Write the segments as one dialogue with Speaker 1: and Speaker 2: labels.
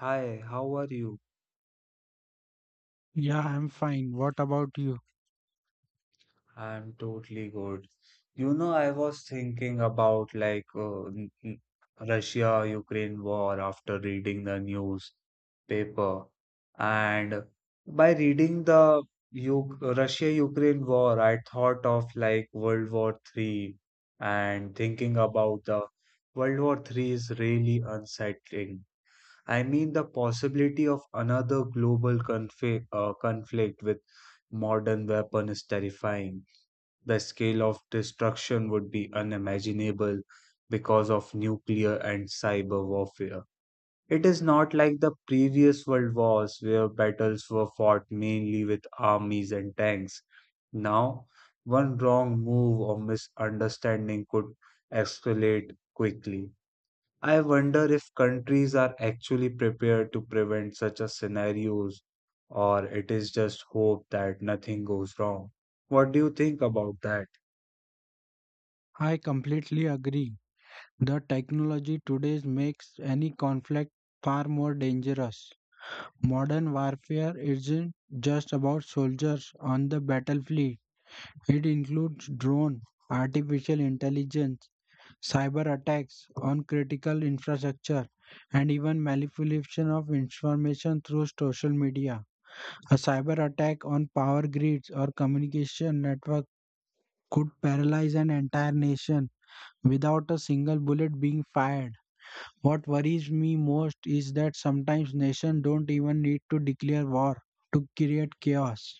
Speaker 1: Hi, how are you?
Speaker 2: Yeah, I'm fine. What about you?
Speaker 1: I'm totally good. I was thinking about Russia-Ukraine war after reading the newspaper. And by reading the U Russia-Ukraine war, I thought of World War Three. And thinking about the World War Three is really unsettling. I mean, the possibility of another conflict with modern weapon is terrifying. The scale of destruction would be unimaginable because of nuclear and cyber warfare. It is not like the previous world wars where battles were fought mainly with armies and tanks. Now, one wrong move or misunderstanding could escalate quickly. I wonder if countries are actually prepared to prevent such a scenarios or it is just hope that nothing goes wrong. What do you think about that?
Speaker 2: I completely agree. The technology today makes any conflict far more dangerous. Modern warfare isn't just about soldiers on the battlefield. It includes drone, artificial intelligence, cyber attacks on critical infrastructure, and even manipulation of information through social media. A cyber attack on power grids or communication network could paralyze an entire nation without a single bullet being fired. What worries me most is that sometimes nations don't even need to declare war to create chaos.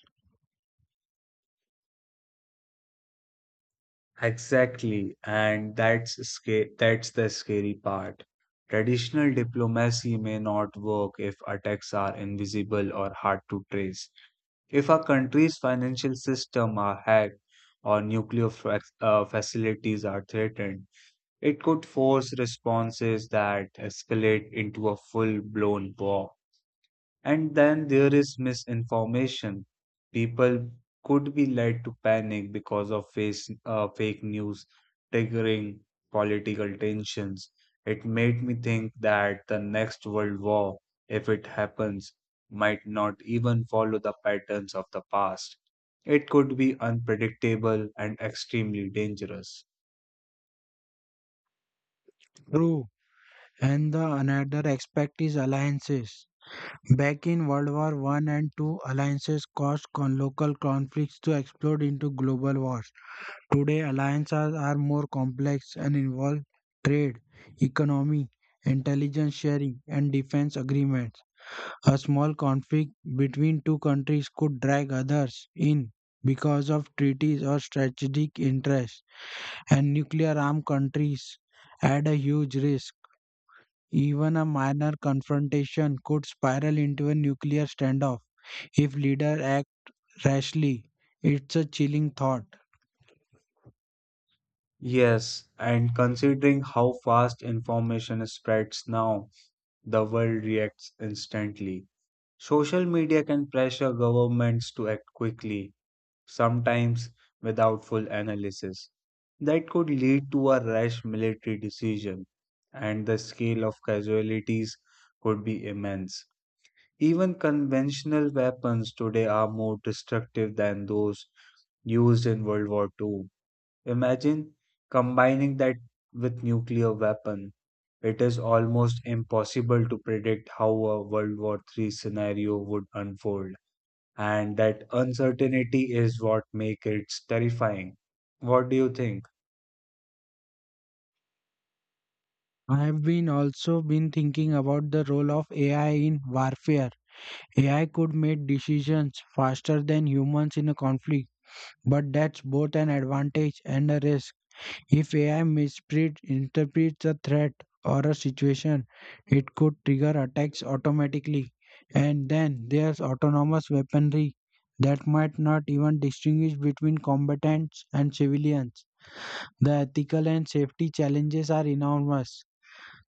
Speaker 1: Exactly, and that's the scary part. Traditional diplomacy may not work if attacks are invisible or hard to trace. If a country's financial system are hacked or facilities are threatened, it could force responses that escalate into a full blown war. And then there is misinformation. People could be led to panic because of fake news triggering political tensions. It made me think that the next world war, if it happens, might not even follow the patterns of the past. It could be unpredictable and extremely dangerous.
Speaker 2: True. And the another aspect is alliances. Back in World War One and Two, alliances caused local conflicts to explode into global wars. Today, alliances are more complex and involve trade, economy, intelligence sharing, and defense agreements. A small conflict between two countries could drag others in because of treaties or strategic interests, and nuclear armed countries add a huge risk. Even a minor confrontation could spiral into a nuclear standoff if leader act rashly, it's a chilling thought.
Speaker 1: Yes, and considering how fast information spreads now, the world reacts instantly. Social media can pressure governments to act quickly, sometimes without full analysis. That could lead to a rash military decision, and the scale of casualties could be immense. Even conventional weapons today are more destructive than those used in World War Two. Imagine combining that with nuclear weapon. It is almost impossible to predict how a World War III scenario would unfold, and that uncertainty is what makes it terrifying. What do you think?
Speaker 2: I have been also been thinking about the role of AI in warfare. AI could make decisions faster than humans in a conflict, but that's both an advantage and a risk. If AI misreads interprets a threat or a situation, it could trigger attacks automatically, and then there's autonomous weaponry that might not even distinguish between combatants and civilians. The ethical and safety challenges are enormous.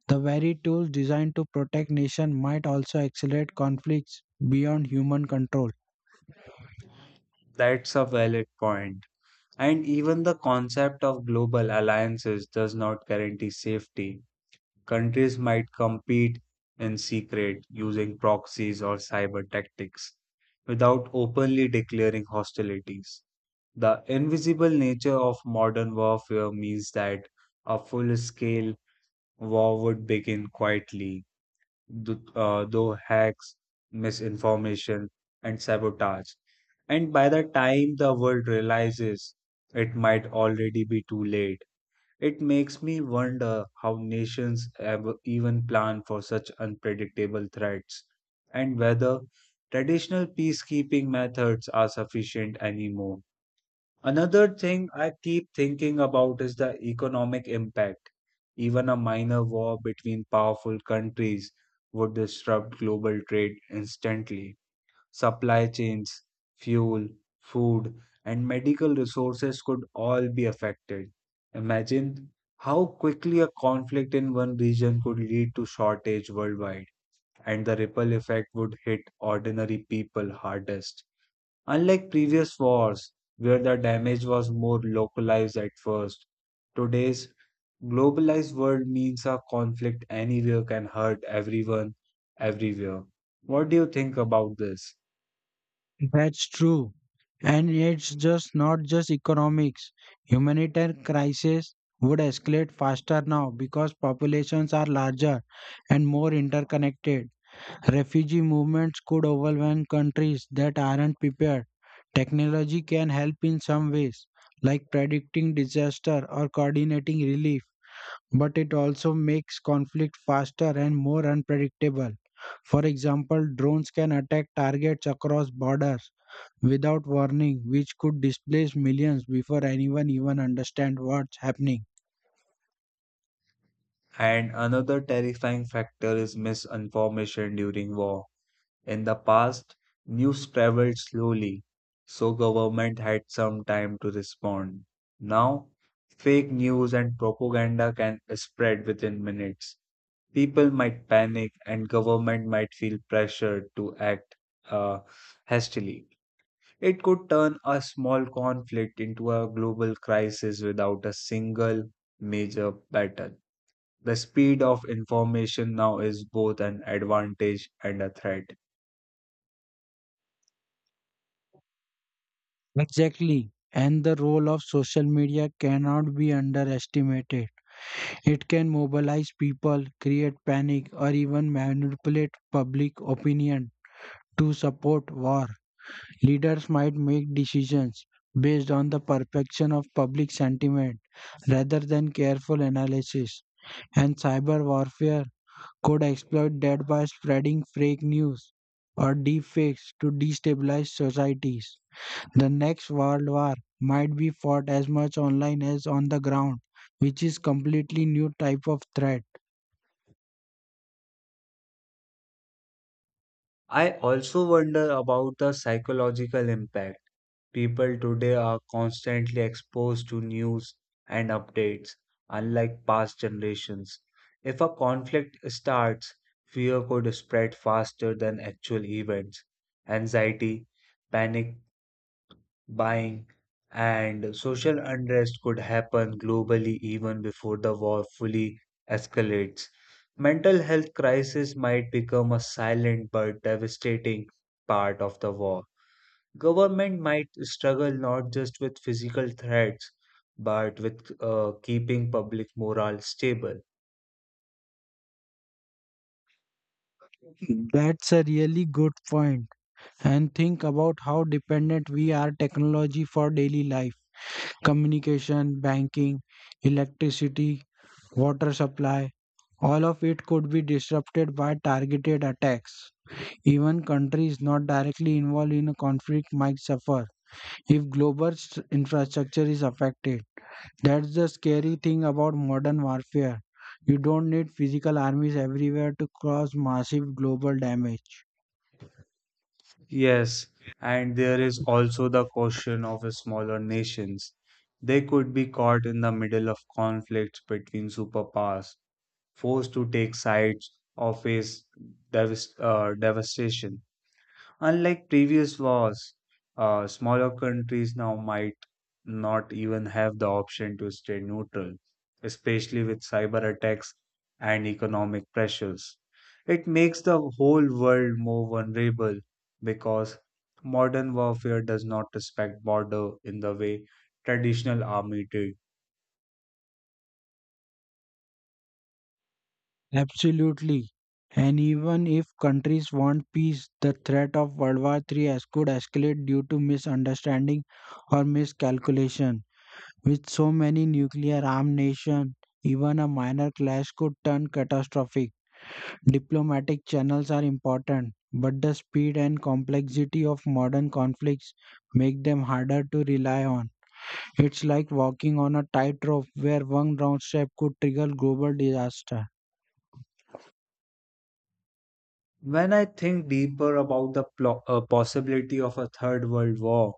Speaker 2: The very tools designed to protect nations might also accelerate conflicts beyond human control.
Speaker 1: That's a valid point. And even the concept of global alliances does not guarantee safety. Countries might compete in secret using proxies or cyber tactics without openly declaring hostilities. The invisible nature of modern warfare means that a full scale war would begin quietly, though hacks, misinformation, and sabotage. And by the time the world realizes, it might already be too late. It makes me wonder how nations ever even plan for such unpredictable threats and whether traditional peacekeeping methods are sufficient anymore. Another thing I keep thinking about is the economic impact. Even a minor war between powerful countries would disrupt global trade instantly. Supply chains, fuel, food, and medical resources could all be affected. Imagine how quickly a conflict in one region could lead to shortage worldwide, and the ripple effect would hit ordinary people hardest. Unlike previous wars, where the damage was more localized at first, today's globalized world means a conflict anywhere can hurt everyone, everywhere. What do you think about this?
Speaker 2: That's true. And it's just not just economics. Humanitarian crises would escalate faster now because populations are larger and more interconnected. Refugee movements could overwhelm countries that aren't prepared. Technology can help in some ways, like predicting disaster or coordinating relief, but it also makes conflict faster and more unpredictable. For example, drones can attack targets across borders without warning, which could displace millions before anyone even understands what's happening.
Speaker 1: And another terrifying factor is misinformation during war. In the past, news traveled slowly, so government had some time to respond. Now, fake news and propaganda can spread within minutes. People might panic and government might feel pressured to act uh, hastily. It could turn a small conflict into a global crisis without a single major battle. The speed of information now is both an advantage and a threat.
Speaker 2: Exactly. And the role of social media cannot be underestimated. It can mobilize people, create panic, or even manipulate public opinion to support war. Leaders might make decisions based on the perfection of public sentiment rather than careful analysis. And cyber warfare could exploit that by spreading fake news or deepfakes to destabilize societies. The next world war might be fought as much online as on the ground, which is completely new type of threat.
Speaker 1: I also wonder about the psychological impact. People today are constantly exposed to news and updates, unlike past generations. If a conflict starts, fear could spread faster than actual events. Anxiety, panic, buying, and social unrest could happen globally even before the war fully escalates. Mental health crisis might become a silent but devastating part of the war. Government might struggle not just with physical threats but with keeping public morale stable.
Speaker 2: That's a really good point. And think about how dependent we are technology for daily life. Communication, banking, electricity, water supply, all of it could be disrupted by targeted attacks. Even countries not directly involved in a conflict might suffer if global infrastructure is affected. That's the scary thing about modern warfare. You don't need physical armies everywhere to cause massive global damage.
Speaker 1: Yes, and there is also the question of smaller nations. They could be caught in the middle of conflicts between superpowers forced to take sides or face devastation. Unlike previous wars, smaller countries now might not even have the option to stay neutral, especially with cyber attacks and economic pressures. It makes the whole world more vulnerable because modern warfare does not respect border in the way traditional army did.
Speaker 2: Absolutely. And even if countries want peace, the threat of World War III as could escalate due to misunderstanding or miscalculation. With so many nuclear armed nations, even a minor clash could turn catastrophic. Diplomatic channels are important, but the speed and complexity of modern conflicts make them harder to rely on. It's like walking on a tightrope where one wrong step could trigger global disaster.
Speaker 1: When I think deeper about the possibility of a third world war,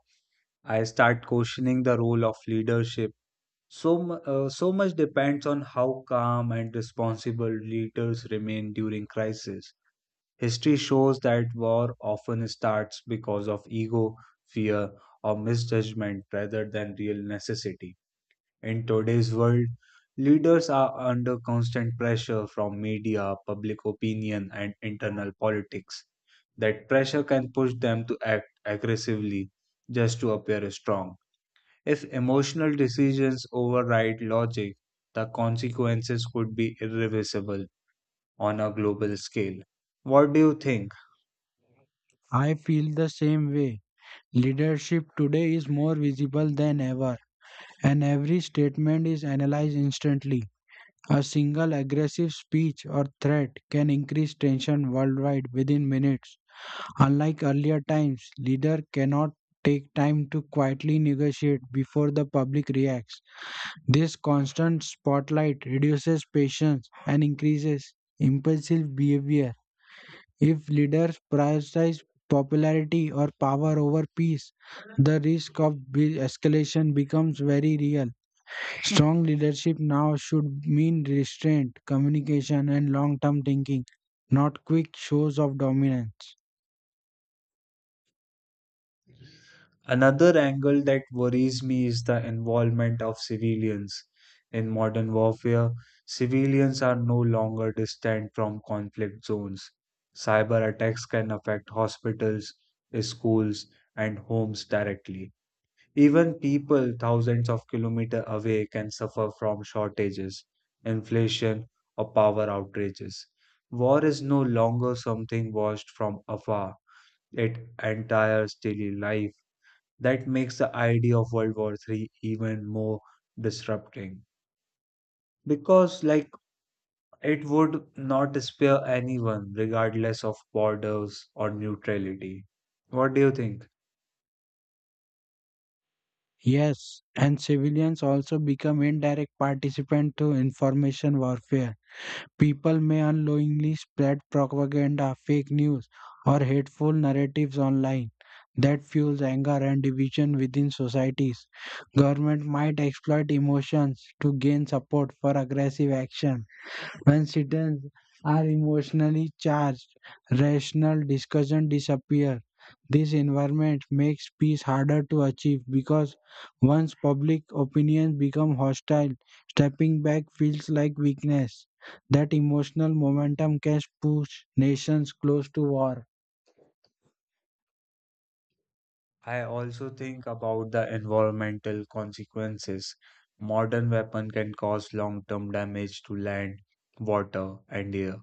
Speaker 1: I start questioning the role of leadership. So much depends on how calm and responsible leaders remain during crisis. History shows that war often starts because of ego, fear, or misjudgment rather than real necessity. In today's world, leaders are under constant pressure from media, public opinion, and internal politics. That pressure can push them to act aggressively just to appear strong. If emotional decisions override logic, the consequences could be irreversible on a global scale. What do you think?
Speaker 2: I feel the same way. Leadership today is more visible than ever, and every statement is analyzed instantly. A single aggressive speech or threat can increase tension worldwide within minutes. Unlike earlier times, leader cannot take time to quietly negotiate before the public reacts. This constant spotlight reduces patience and increases impulsive behavior. If leaders prioritize popularity or power over peace, the risk of escalation becomes very real. Strong leadership now should mean restraint, communication, and long term thinking, not quick shows of dominance.
Speaker 1: Another angle that worries me is the involvement of civilians. In modern warfare, civilians are no longer distant from conflict zones. Cyber attacks can affect hospitals, schools, and homes directly. Even people thousands of kilometers away can suffer from shortages, inflation, or power outages. War is no longer something watched from afar. It entires daily life that makes the idea of World War III even more disrupting because, it would not spare anyone, regardless of borders or neutrality. What do you think?
Speaker 2: Yes, and civilians also become indirect participants to information warfare. People may unknowingly spread propaganda, fake news, or hateful narratives online that fuels anger and division within societies. Government might exploit emotions to gain support for aggressive action when are emotionally charged, rational discussion disappear. This environment makes peace harder to achieve because once public opinions become hostile, stepping back feels like weakness. That emotional momentum can push nations close to war.
Speaker 1: I also think about the environmental consequences modern weapon can cause long-term damage to land, water, and air.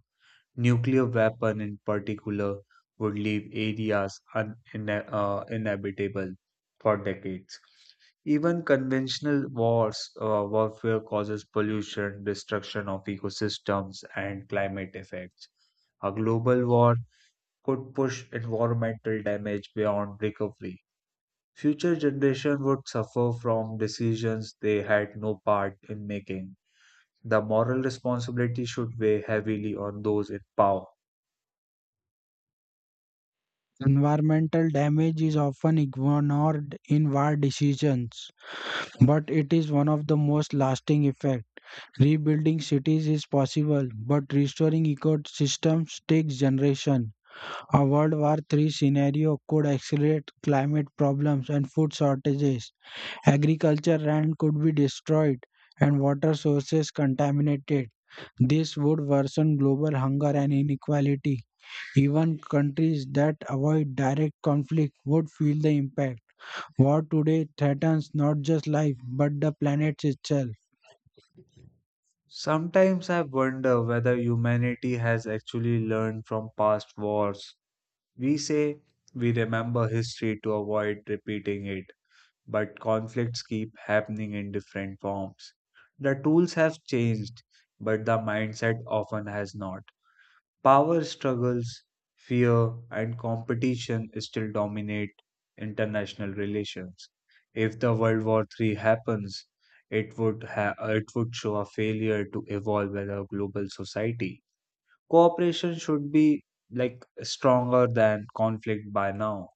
Speaker 1: Nuclear weapon in particular would leave areas uninhabitable inhabitable for decades. Even warfare causes pollution, destruction of ecosystems, and climate effects. A global war could push environmental damage beyond recovery. Future generations would suffer from decisions they had no part in making. The moral responsibility should weigh heavily on those in power.
Speaker 2: Environmental damage is often ignored in war decisions, but it is one of the most lasting effects. Rebuilding cities is possible, but restoring ecosystems takes generations. A World War Three scenario could accelerate climate problems and food shortages. Agriculture land could be destroyed and water sources contaminated. This would worsen global hunger and inequality. Even countries that avoid direct conflict would feel the impact. War today threatens not just life but the planet itself.
Speaker 1: Sometimes I wonder whether humanity has actually learned from past wars. We say we remember history to avoid repeating it, but conflicts keep happening in different forms. The tools have changed, but the mindset often has not. Power struggles, fear, and competition still dominate international relations. If the World War III happens, it would show a failure to evolve as a global society. Cooperation should be like stronger than conflict by now.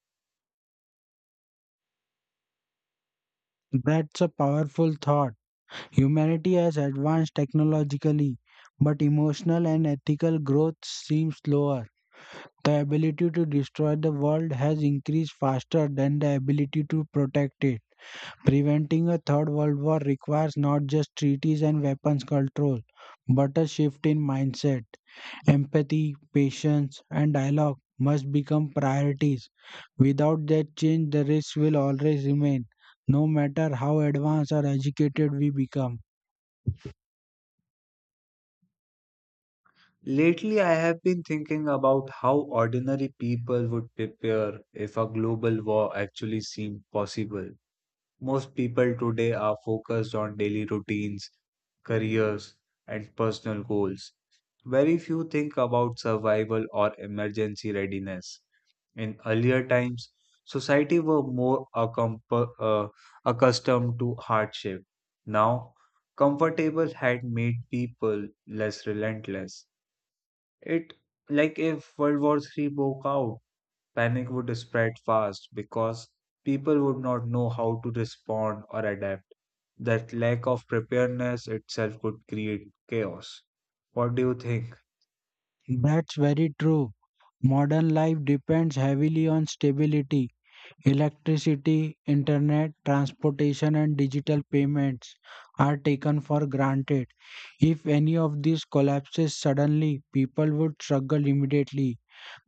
Speaker 2: That's a powerful thought. Humanity has advanced technologically, but emotional and ethical growth seems slower. The ability to destroy the world has increased faster than the ability to protect it. Preventing a third world war requires not just treaties and weapons control, but a shift in mindset. Empathy, patience, and dialogue must become priorities. Without that change, the risks will always remain, no matter how advanced or educated we become.
Speaker 1: Lately, I have been thinking about how ordinary people would prepare if a global war actually seemed possible. Most people today are focused on daily routines, careers, and personal goals. Very few think about survival or emergency readiness. In earlier times, society were more accustomed to hardship. Now, comfortable had made people less relentless. It like if World War Three broke out, panic would spread fast because people would not know how to respond or adapt. That lack of preparedness itself could create chaos. What do you think?
Speaker 2: That's very true. Modern life depends heavily on stability, electricity, internet, transportation, and digital payments are taken for granted. If any of these collapses suddenly, people would struggle immediately.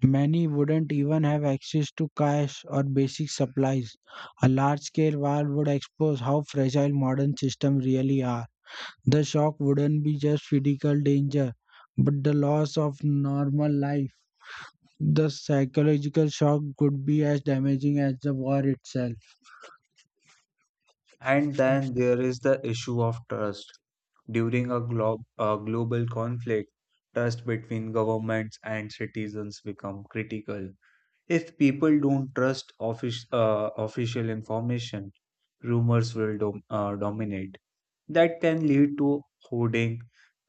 Speaker 2: Many wouldn't even have access to cash or basic supplies. A large scale war would expose how fragile modern systems really are. The shock wouldn't be just physical danger, but the loss of normal life. The psychological shock could be as damaging as the war itself.
Speaker 1: And then there is the issue of trust. During a global conflict, trust between governments and citizens become critical. If people don't trust official information, dominate that can lead to hoarding,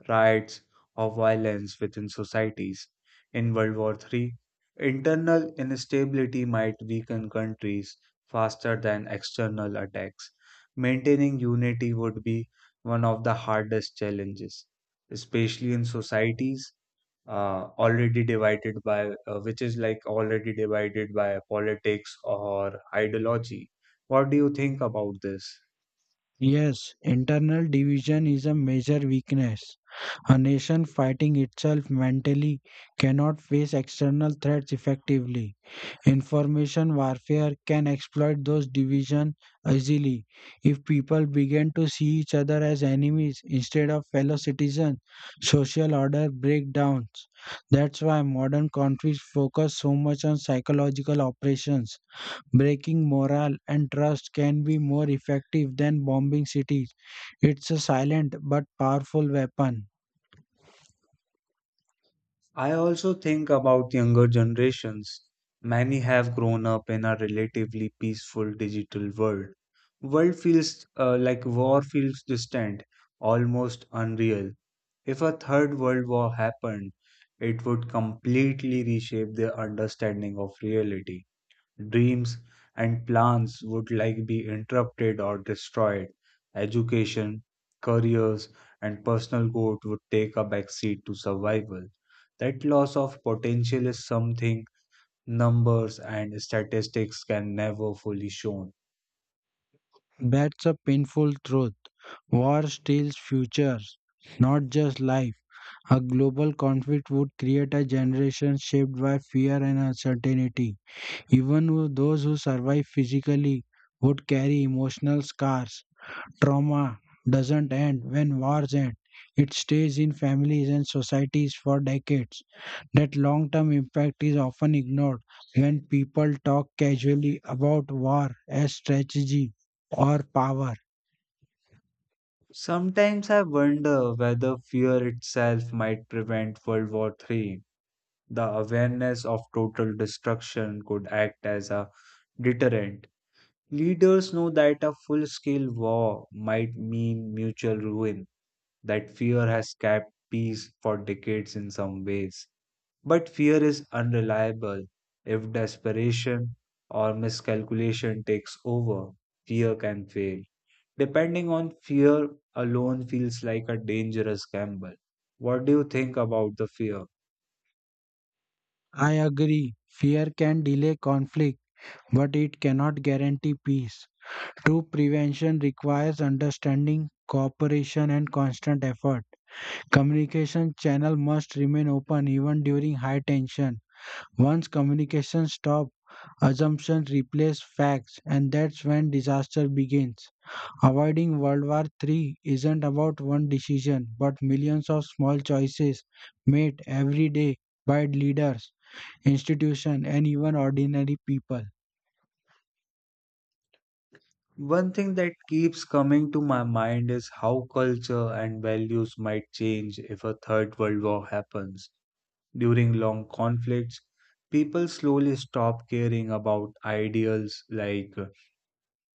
Speaker 1: riots, or violence within societies. In World War III, internal instability might weaken countries faster than external attacks. Maintaining unity would be one of the hardest challenges, especially in societies which is like already divided by politics or ideology. What do you think about this?
Speaker 2: Yes, internal division is a major weakness. A nation fighting itself mentally cannot face external threats effectively. Information warfare can exploit those divisions easily. If people begin to see each other as enemies instead of fellow citizens, social order breakdowns. That's why modern conflicts focus so much on psychological operations. Breaking morale and trust can be more effective than bombing cities. It's a silent but powerful weapon.
Speaker 1: I also think about younger generations. Many have grown up in a relatively peaceful digital world. World feels like War feels distant, almost unreal. If a third world war happened, it would completely reshape their understanding of reality, dreams and plans would be interrupted or destroyed. Education, careers and personal growth would take a backseat to survival. That loss of potential is something numbers and statistics can never fully show.
Speaker 2: That's a painful truth. War steals futures, not just life. A global conflict would create a generation shaped by fear and uncertainty. Even those who survive physically would carry emotional scars. Trauma doesn't end when wars end. It stays in families and societies for decades. That long term impact is often ignored when people talk casually about war as strategy or power.
Speaker 1: Sometimes I wonder whether fear itself might prevent world war III. The awareness of total destruction could act as a deterrent. Leaders know that a full scale war might mean mutual ruin, that fear has kept peace for decades in some ways. But fear is unreliable. If desperation or miscalculation takes over, fear can fail. Depending on fear alone feels like a dangerous gamble. What do you think about the fear?
Speaker 2: I agree, fear can delay conflict, but it cannot guarantee peace. True prevention requires understanding, cooperation, and constant effort. Communication channel must remain open even during high tension. Once communication stops, assumptions replace facts, and that's when disaster begins. Avoiding World War III isn't about one decision, but millions of small choices made every day by leaders, institutions, and even ordinary people.
Speaker 1: One thing that keeps coming to my mind is how culture and values might change if a third world war happens. During long conflicts, people slowly stop caring about ideals like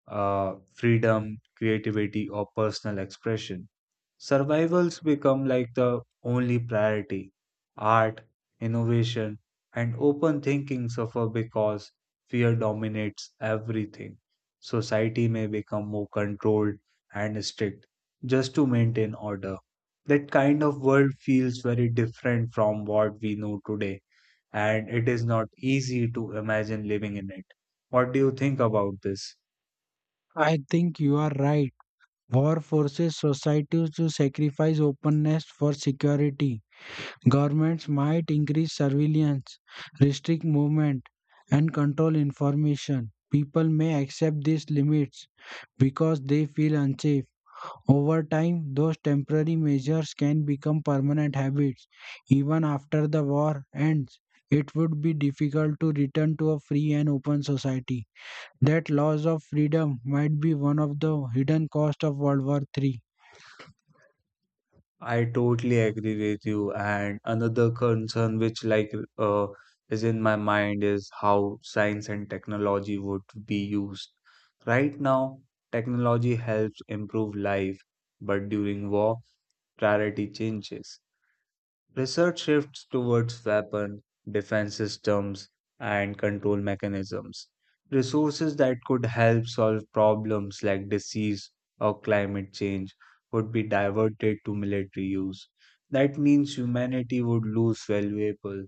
Speaker 1: freedom, creativity, or personal expression. Survivals become the only priority. Art, innovation, and open thinking suffer because fear dominates everything. Society may become more controlled and strict just to maintain order. That kind of world feels very different from what we know today, and it is not easy to imagine living in it. What do you think about this?
Speaker 2: I think you are right. War forces societies to sacrifice openness for security. Governments might increase surveillance, restrict movement, and control information. People may accept these limits because they feel unsafe. Over time, those temporary measures can become permanent habits. Even after the war ends, it would be difficult to return to a free and open society. That loss of freedom might be one of the hidden costs of World War III.
Speaker 1: I totally agree with you. And another concern which like uh, is in my mind is how science and technology would be used. Right now, technology helps improve life, but during war, priority changes. Research shifts towards weapon, defense systems, and control mechanisms. Resources that could help solve problems like disease or climate change would be diverted to military use. That means humanity would lose valuable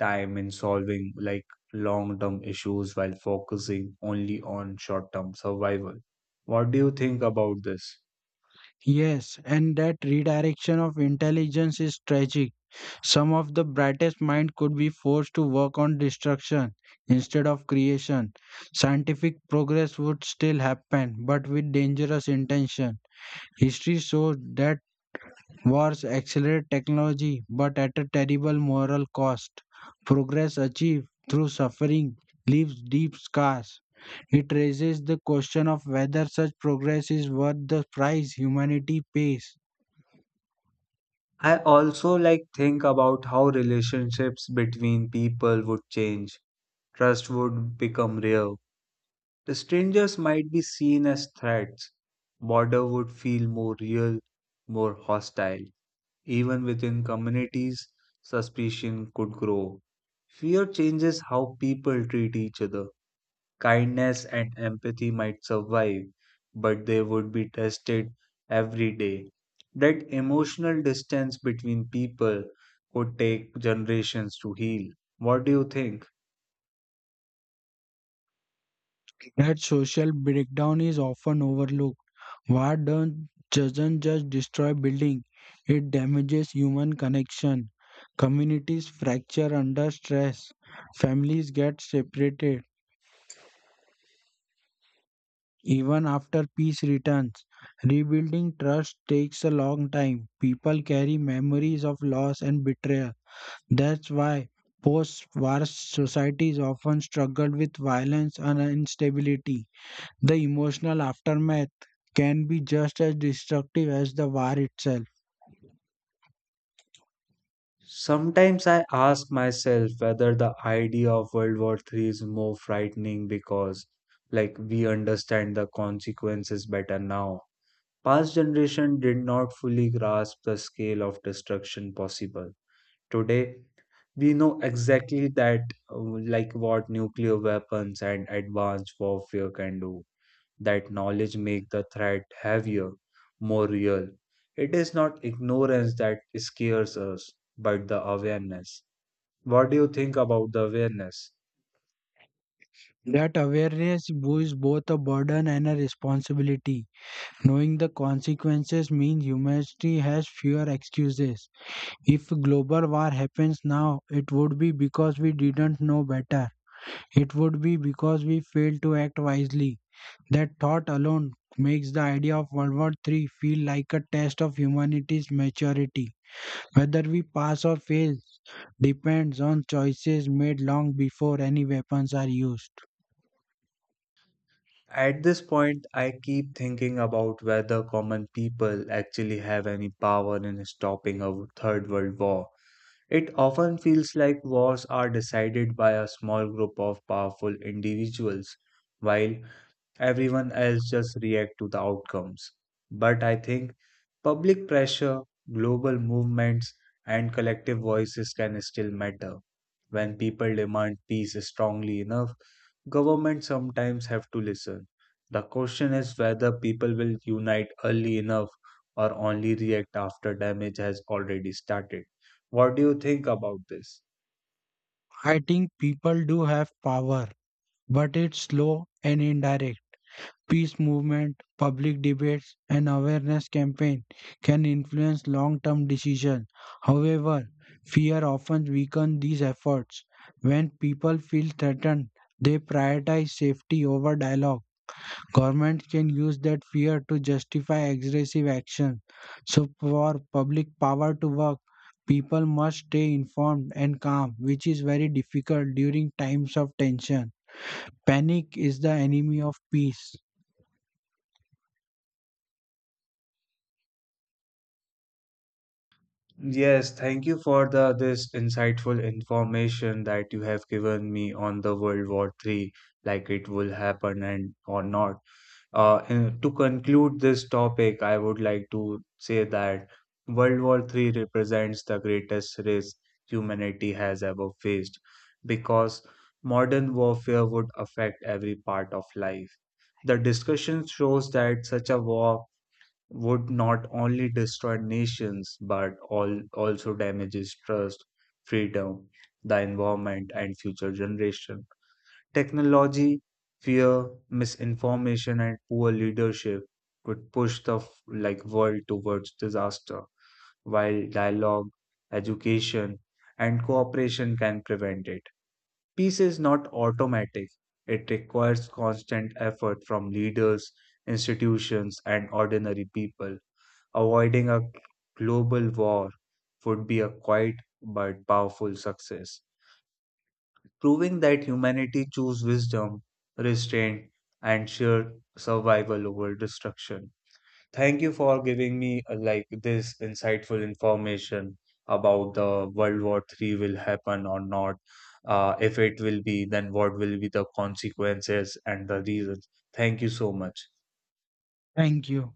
Speaker 1: time in solving long-term issues while focusing only on short-term survival. What do you think about this?
Speaker 2: Yes, and that redirection of intelligence is tragic. Some of the brightest minds could be forced to work on destruction instead of creation. Scientific progress would still happen, but with dangerous intention. History shows that wars accelerate technology, but at a terrible moral cost. Progress achieved through suffering leaves deep scars. It raises the question of whether such progress is worth the price humanity pays.
Speaker 1: I also think about how relationships between people would change. Trust would become real. The strangers might be seen as threats. Border would feel more real, more hostile. Even within communities, suspicion could grow. Fear changes how people treat each other. Kindness and empathy might survive, but they would be tested every day. That emotional distance between people would take generations to heal. What do you think?
Speaker 2: That social breakdown is often overlooked. War don't, doesn't just destroy building, it damages human connection. Communities fracture under stress. Families get separated. Even after peace returns, rebuilding trust takes a long time. People carry memories of loss and betrayal. That's why post war societies often struggle with violence and instability. The emotional aftermath can be just as destructive as the war itself.
Speaker 1: Sometimes I ask myself whether the idea of World War III is more frightening because, we understand the consequences better now. Past generation did not fully grasp the scale of destruction possible. Today, we know exactly that uh, what nuclear weapons and advanced warfare can do. That knowledge make the threat heavier, more real. It is not ignorance that scares us but the awareness. What do you think about the awareness?
Speaker 2: That awareness is both a burden and a responsibility. Knowing the consequences means humanity has fewer excuses. If global war happens now, it would be because we didn't know better. It would be because we failed to act wisely. That thought alone makes the idea of World War III feel like a test of humanity's maturity. Whether we pass or fail, depends on choices made long before any weapons are used.
Speaker 1: At this point I keep thinking about whether common people actually have any power in stopping a third world war. It often feels like wars are decided by a small group of powerful individuals, while everyone else just react to the outcomes. But I think public pressure, global movements, and collective voices can still matter. When people demand peace strongly enough, government sometimes have to listen. The question is whether people will unite early enough or only react after damage has already started. What do you think about this?
Speaker 2: I think people do have power, but it's slow and indirect. Peace movement, public debates, and awareness campaign can influence long-term decisions. However, fear often weakens these efforts. When people feel threatened, they prioritize safety over dialogue. Government can use that fear to justify aggressive action. So, for public power to work, people must stay informed and calm, which is very difficult during times of tension. Panic is the enemy of peace.
Speaker 1: Yes, thank you for the this insightful information that you have given me on the World War Three, like it will happen and or not. And to conclude this topic, I would like to say that World War Three represents the greatest risk humanity has ever faced because modern warfare would affect every part of life. The discussion shows that such a war would not only destroy nations but all, also damages trust, freedom, the environment, and future generation. Technology, fear, misinformation, and poor leadership could push the f- like world towards disaster, while dialogue, education, and cooperation can prevent it. Peace is not automatic. It requires constant effort from leaders, institutions, and ordinary people. Avoiding a global war would be a quiet but powerful success, proving that humanity chooses wisdom, restraint, and sheer survival over destruction. Thank you for giving me this insightful information about the World War Three will happen or not. If it will be, then what will be the consequences and the reasons. Thank you so much.
Speaker 2: Thank you.